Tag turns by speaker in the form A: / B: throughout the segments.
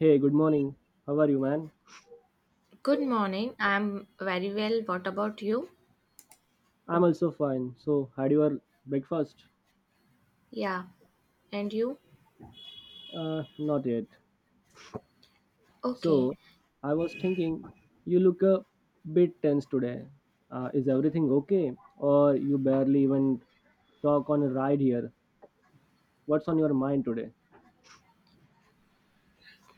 A: Hey, good morning. How are you, man?
B: Good morning. I'm very well. What about you?
A: I'm also fine. So, had your breakfast?
B: Yeah. And you?
A: Not yet.
B: Okay.
A: So, I was thinking, you look a bit tense today. Is everything okay? Or you barely even talk on a ride here? What's on your mind today?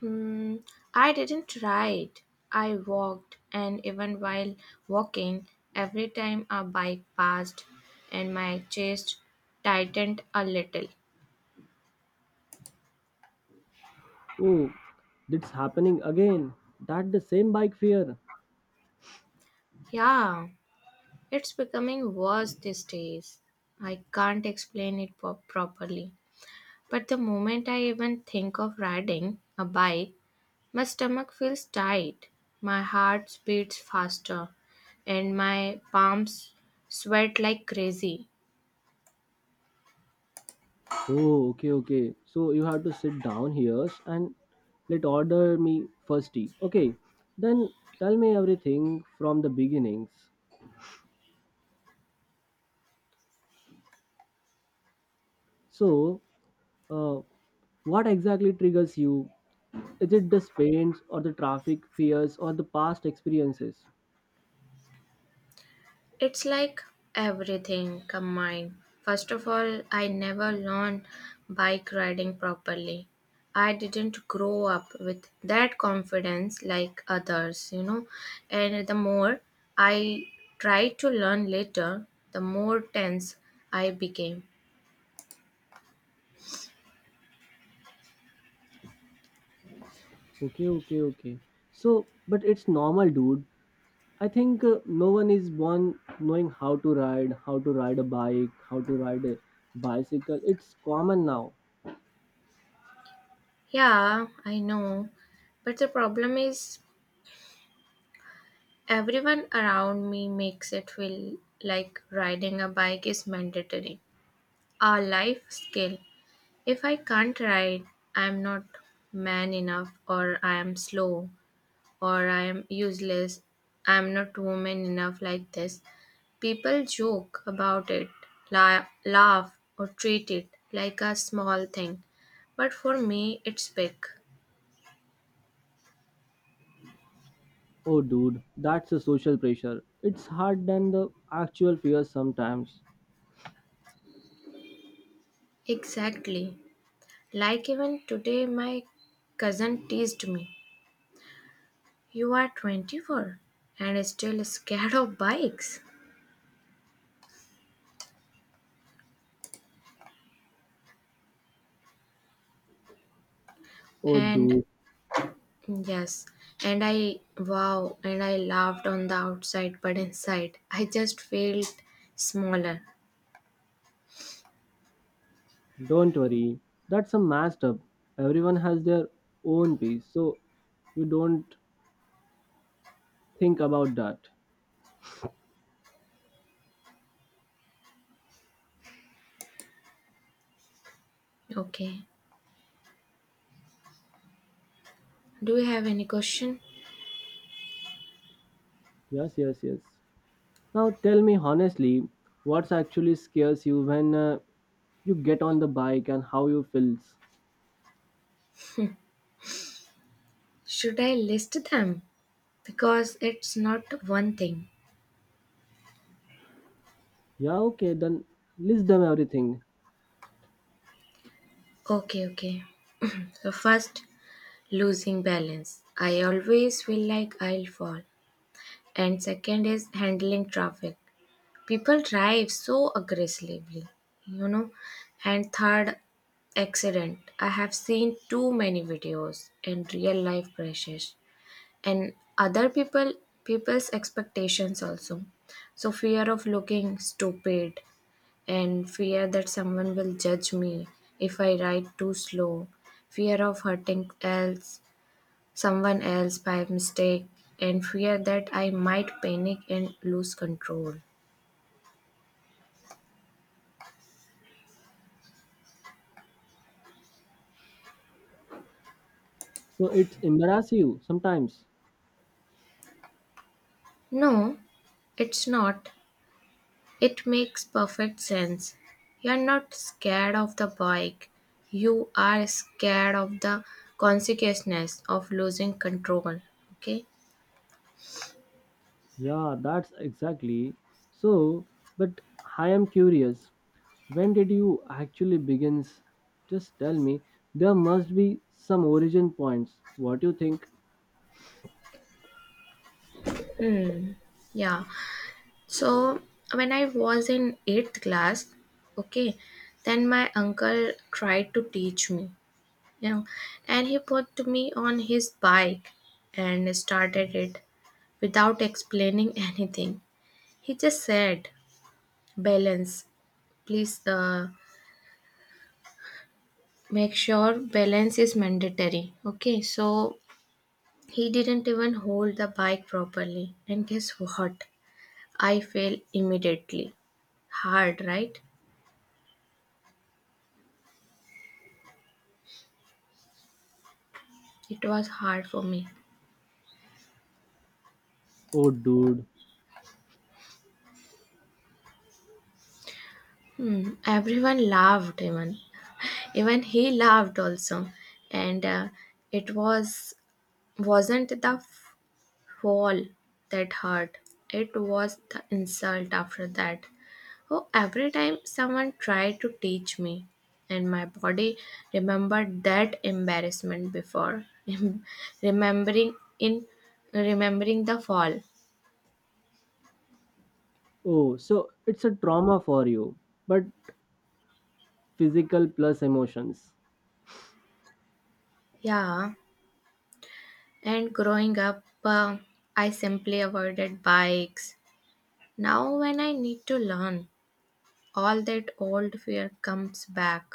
B: Hmm. I didn't ride. I walked, and even while walking, every time a bike passed, and my chest tightened a little.
A: Oh, that's happening again. That the same bike fear.
B: Yeah, it's becoming worse these days. I can't explain it properly. But the moment I even think of riding a bike, my stomach feels tight, my heart beats faster, and my palms sweat like crazy.
A: Oh, okay, okay. So you have to sit down here and let order me first tea. Okay, then tell me everything from the beginnings. So, uh, what exactly triggers you? Is it the pains or the traffic fears or the past experiences?
B: It's like everything combined. First of all, I never learned bike riding properly. I didn't grow up with that confidence like others, you know. And the more I tried to learn later, the more tense I became.
A: Okay, okay, okay. So, but it's normal, dude. I think no one is born knowing how to ride a bike, how to ride a bicycle. It's common now.
B: Yeah, I know. But the problem is, everyone around me makes it feel like riding a bike is mandatory, a life skill. If I can't ride, I'm not man enough, or I am slow, or I am useless, I'm not woman enough like this. People joke about it, laugh, or treat it like a small thing, but for me, it's big.
A: Oh, dude, that's the social pressure. It's hard than the actual fear sometimes.
B: Exactly. Like even today, my cousin teased me. You are 24 and still scared of bikes.
A: Oh,
B: And
A: dude,
B: yes, and I wow, and I laughed on the outside, but inside I just felt smaller.
A: don't worry. That's a messed up. Everyone has their own piece, so you don't think about that.
B: Okay, do you have any question?
A: Yes, yes, yes. Now tell me honestly, what's actually scares you when you get on the bike and how you feels?
B: Should I list them? Because it's not one thing.
A: Yeah, okay, then list them everything.
B: Okay, okay. So, first, losing balance. I always feel like I'll fall. And second is handling traffic. People drive so aggressively, you know. And third, accident. I have seen too many videos and real life crashes. And other people, people's expectations also. So fear of looking stupid, and fear that someone will judge me if I ride too slow, fear of hurting else, someone else by mistake, and fear that I might panic and lose control.
A: So it's embarrass you sometimes.
B: No, it's not. It makes perfect sense. You're not scared of the bike. You are scared of the consequences of losing control. Okay?
A: Yeah, that's exactly. So, but I am curious. When did you actually begins? Just tell me. There must be some origin points. What do you think?
B: Hmm. Yeah. So when I was in eighth class, okay, then my uncle tried to teach me, you know, and he put me on his bike and started it without explaining anything. He just said, balance, please make sure balance is mandatory. Okay, so he didn't even hold the bike properly. And guess what? I fell immediately. Hard, right? It was hard for me.
A: Oh, dude.
B: Hmm. Everyone laughed, even he laughed also, and it wasn't the fall that hurt. It was the insult after that. Oh, every time someone tried to teach me, and my body remembered that embarrassment before remembering in remembering the fall.
A: Oh, so it's a trauma for you, but physical plus emotions.
B: Yeah, and growing up, I simply avoided bikes. Now, when I need to learn, all that old fear comes back.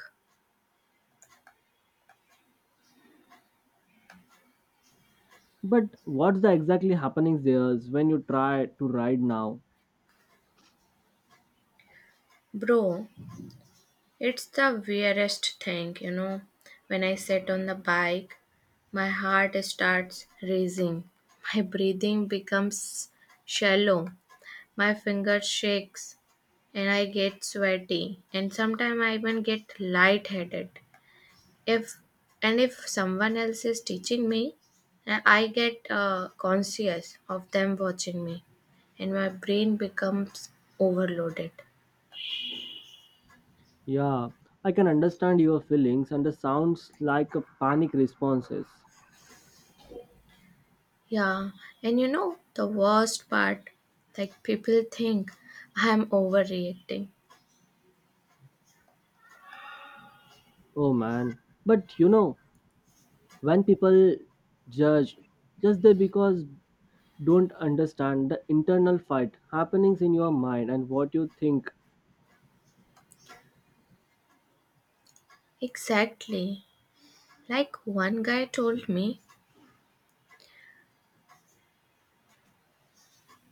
A: But what's the exactly happenings there is when you try to ride now?
B: Bro, it's the weirdest thing, you know. When I sit on the bike, my heart starts racing. My breathing becomes shallow. My finger shakes and I get sweaty. And sometimes I even get lightheaded. If and if someone else is teaching me, I get conscious of them watching me, and my brain becomes overloaded.
A: Yeah, I can understand your feelings and the sounds like a panic responses.
B: Yeah, and you know the worst part, like people think I'm overreacting.
A: Oh man. But you know, when people judge just they because don't understand the internal fight happenings in your mind and what you think.
B: Exactly. Like one guy told me,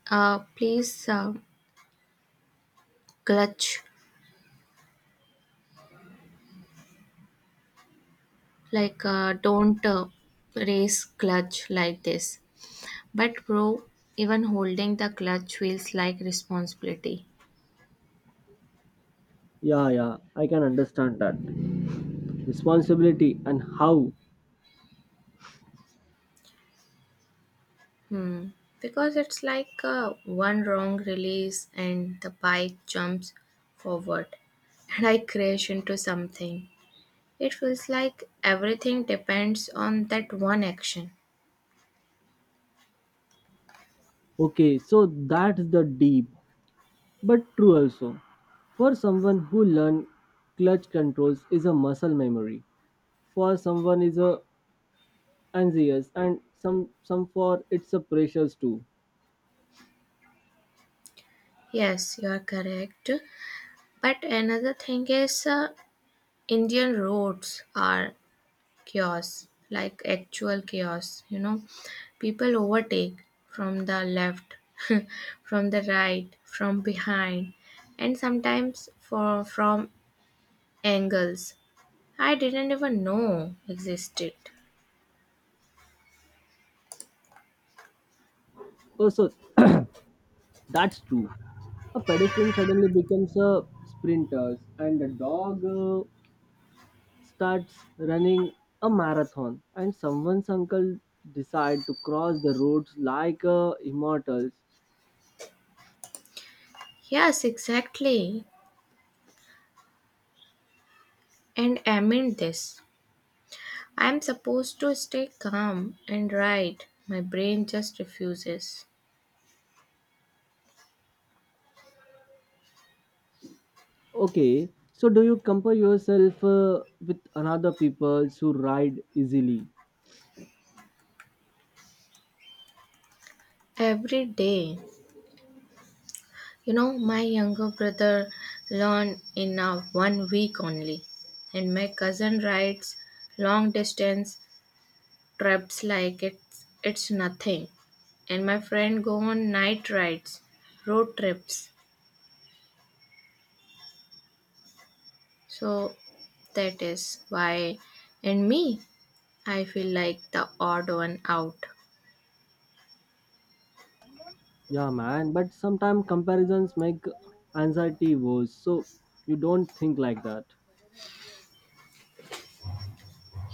B: please clutch, like don't race clutch like this. But bro, even holding the clutch feels like responsibility.
A: Yeah, yeah, I can understand that responsibility and how.
B: Hmm. Because it's like one wrong release and the bike jumps forward and I crash into something. It feels like everything depends on that one action.
A: Okay, so that's the deep but true also. For someone who learn clutch controls is a muscle memory, for someone is a anxious and some for it's a pressures too
B: Yes, you are correct. But another thing is, Indian roads are chaos, like actual chaos. You know, people overtake from the left, from the right, from behind, and sometimes from angles I didn't even know existed.
A: also. That's true. A pedestrian suddenly becomes a sprinter, and a dog starts running a marathon, and someone's uncle decide to cross the roads like immortals.
B: Yes, exactly. And amid this, I'm supposed to stay calm and right. My brain just refuses.
A: Okay, so do you compare yourself with another people who ride easily?
B: Every day. You know, my younger brother learned in a one week only. And my cousin rides long distance trips like it's nothing. And my friend go on night rides, road trips. So that is why, and me, I feel like the odd one out.
A: Yeah, man. But sometimes comparisons make anxiety worse, so you don't think like that.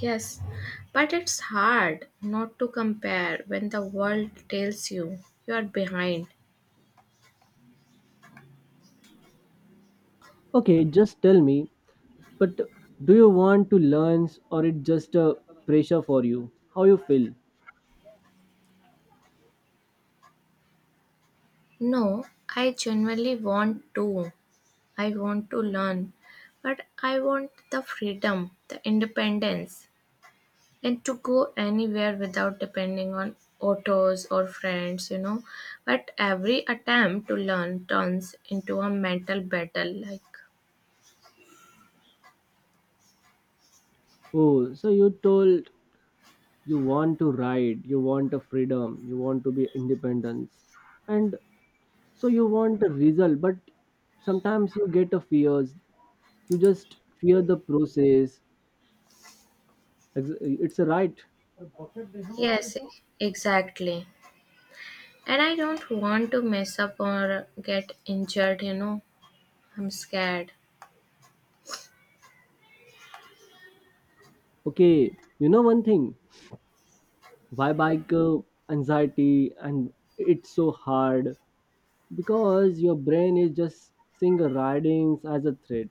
B: Yes, but it's hard not to compare when the world tells you you are behind.
A: Okay, just tell me. But do you want to learn or it just a pressure for you? How you feel?
B: No, I genuinely want to. I want to learn, but I want the freedom, the independence, and to go anywhere without depending on autos or friends, you know. But every attempt to learn turns into a mental battle like,
A: Oh, so you told you want to ride, you want a freedom, you want to be independence. And so you want a result, but sometimes you get a fears. You just fear the process. It's a right.
B: yes, exactly. And I don't want to mess up or get injured, you know. I'm scared.
A: Okay, you know one thing. Why bike anxiety and it's so hard because your brain is just seeing ridings as a threat.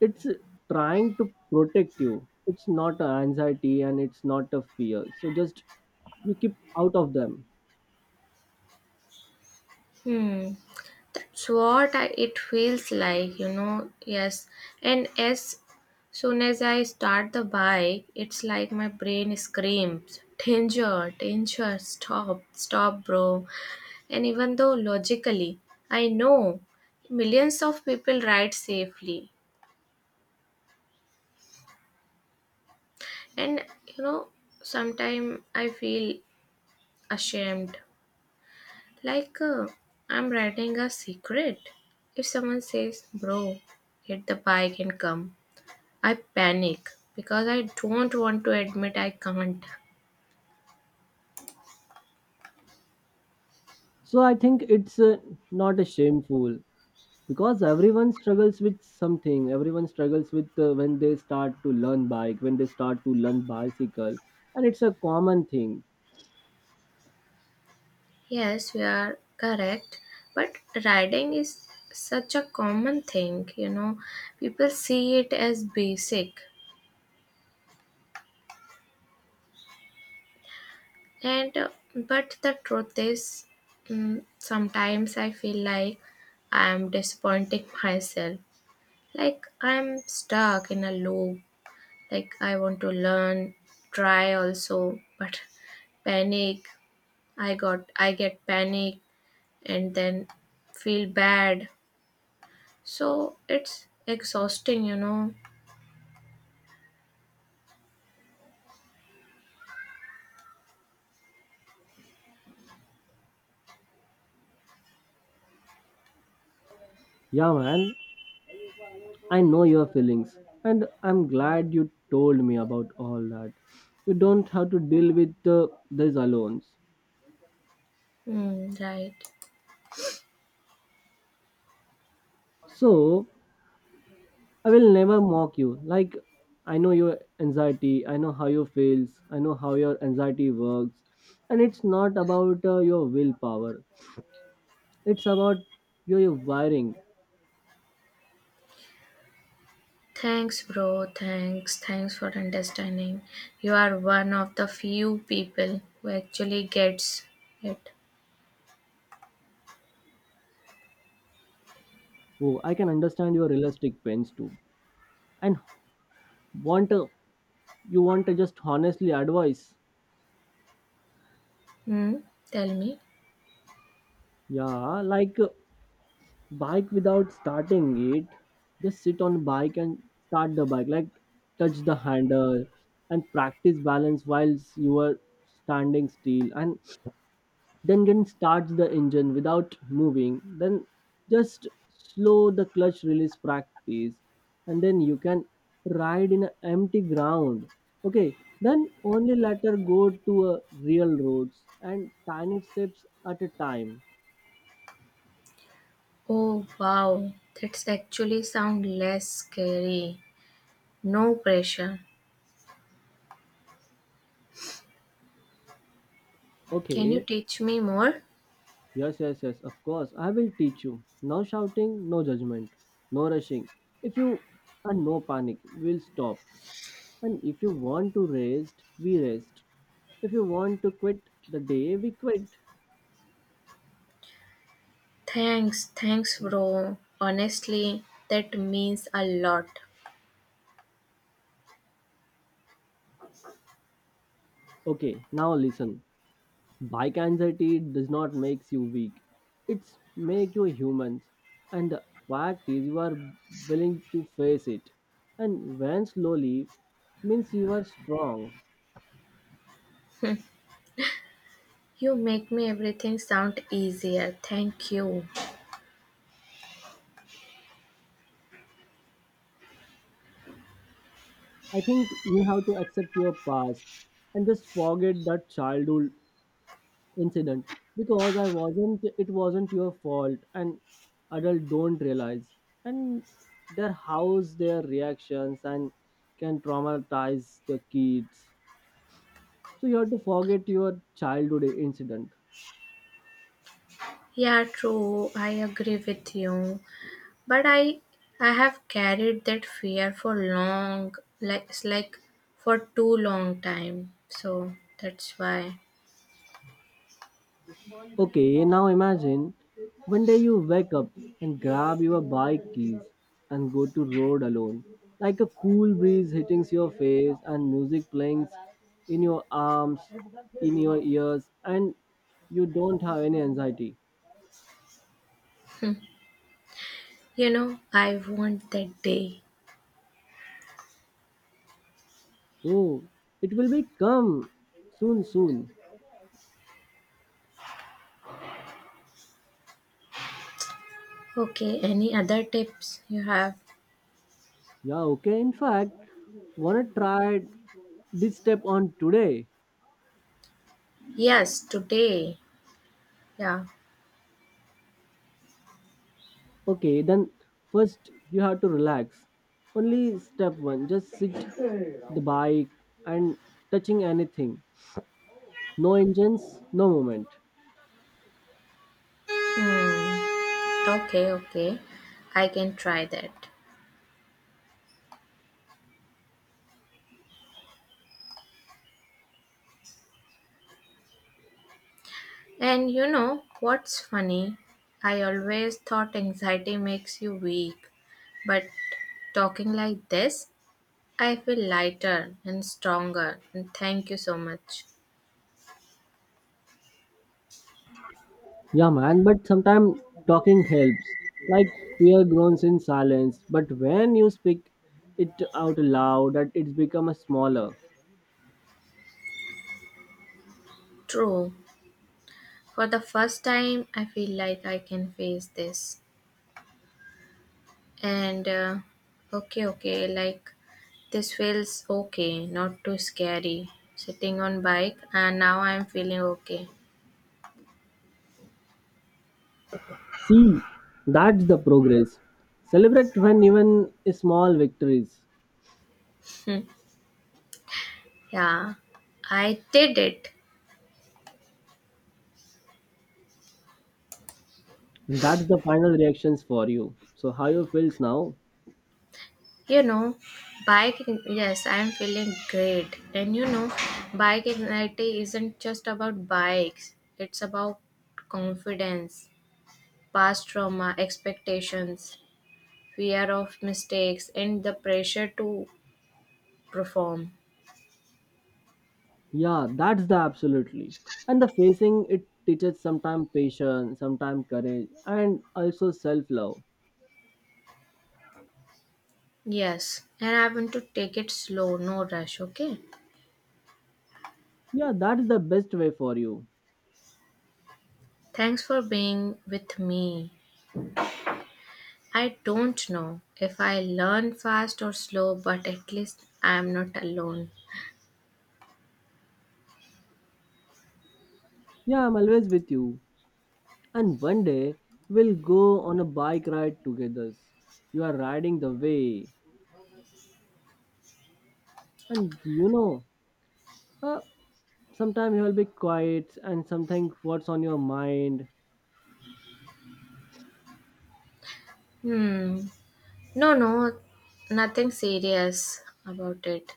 A: It's trying to protect you. It's not a anxiety and it's not a fear, so just you keep out of them.
B: Hmm. That's what it feels like, you know. Yes. And as soon as I start the bike, it's like my brain screams, danger, danger, stop, stop, bro. And even though logically, I know millions of people ride safely. And, you know, sometimes I feel ashamed. Like, I'm writing a secret. If someone says, bro, hit the bike and come, I panic because I don't want to admit I can't.
A: So I think it's not a shameful because everyone struggles with something, everyone struggles with when they start to learn bike, when they start to learn bicycle, and it's a common thing.
B: Yes, we are correct. But riding is such a common thing, you know. People see it as basic. And but the truth is, sometimes I feel like I am disappointing myself. Like I'm stuck in a loop. Like I want to learn, try also, but panic. I get panic, and then feel bad. So it's exhausting, you know.
A: Yeah, man, I know your feelings, and I'm glad you told me about all that. You don't have to deal with this alone.
B: Mm, right.
A: So, I will never mock you. Like, I know your anxiety, I know how you feels, I know how your anxiety works. And it's not about your willpower, it's about your wiring.
B: Thanks bro, thanks for understanding. You are one of the few people who actually gets it.
A: Oh, I can understand your realistic pains too. And want you want to just honestly advice.
B: Hmm, tell me.
A: Yeah, like bike without starting it, just sit on bike and start the bike, like touch the handle and practice balance whilst you are standing still and then can start the engine without moving. Then just slow the clutch release practice and then you can ride in an empty ground. Okay, then only later go to a real roads and tiny steps at a time.
B: Oh wow, that's actually sound less scary. No pressure. Can you
A: Okay.
B: teach me more?
A: Yes, yes, yes, of course. I will teach you. No shouting, no judgment, no rushing. If you are no panic, we'll stop. And if you want to rest, we rest. If you want to quit the day, we quit.
B: Thanks, thanks, bro. Honestly, that means a lot.
A: Okay, now listen. Bike anxiety does not make you weak. It's make you humans. And the fact is you are willing to face it. And when slowly means you are strong.
B: You make me everything sound easier. Thank you.
A: I think you have to accept your past and just forget that childhood incident because I wasn't it wasn't your fault, and adult don't realize, and their house their reactions and can traumatize the kids, so you have to forget your childhood incident.
B: Yeah, true. I agree with you. But I have carried that fear for long, like it's like for too long time. So that's why.
A: Okay, now imagine one day you wake up and grab your bike keys and go to road alone. Like a cool breeze hitting your face and music playing in your arms, in your ears, and you don't have any anxiety.
B: Hmm. You know, I want that day.
A: Oh, it will be come soon, soon.
B: Okay, any other tips you have?
A: Yeah, okay. In fact, wanna try this step on today?
B: Yes, today. Yeah.
A: Okay, then first you have to relax. Only step one, just sit the bike and touching anything. No engines, no movement.
B: Hmm. Okay, okay. I can try that. And you know what's funny? I always thought anxiety makes you weak, but talking like this, I feel lighter and stronger. And thank you so much.
A: Yeah, man, but sometimes talking helps. Like fear groans in silence, but when you speak it out loud, that it's become a smaller.
B: True. For the first time, I feel like I can face this. And okay, okay, like this feels okay, not too scary. Sitting on bike, and now I'm feeling okay.
A: See, that's the progress. Celebrate when even small victories.
B: Yeah, I did it.
A: That's the final reactions for you. So how you feels now?
B: You know, bike, yes, I'm feeling great. And you know, bike anxiety isn't just about bikes, it's about confidence, past trauma, expectations, fear of mistakes, and the pressure to perform.
A: Yeah, that's the absolutely. And the facing it teaches sometimes patience, sometimes courage, and also self love.
B: Yes, and I want to take it slow, no rush, okay?
A: Yeah, that's the best way for you.
B: Thanks for being with me. I don't know if I learn fast or slow, but at least I am not alone.
A: Yeah, I'm always with you. And one day we'll go on a bike ride together. You are riding the way, and you know, uh, sometimes you will be quiet and something what's on your mind.
B: Hmm. No, no, nothing serious about it.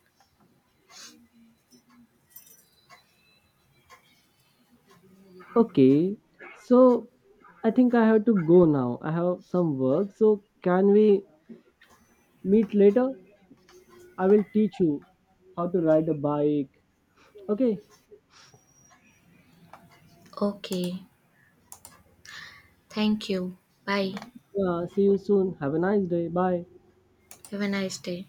A: Okay, so I think I have to go now. I have some work. So can we meet later? I will teach you how to ride a bike. Okay.
B: Okay. Thank you. Bye.
A: Yeah, see you soon. Have a nice day. Bye.
B: Have a nice day.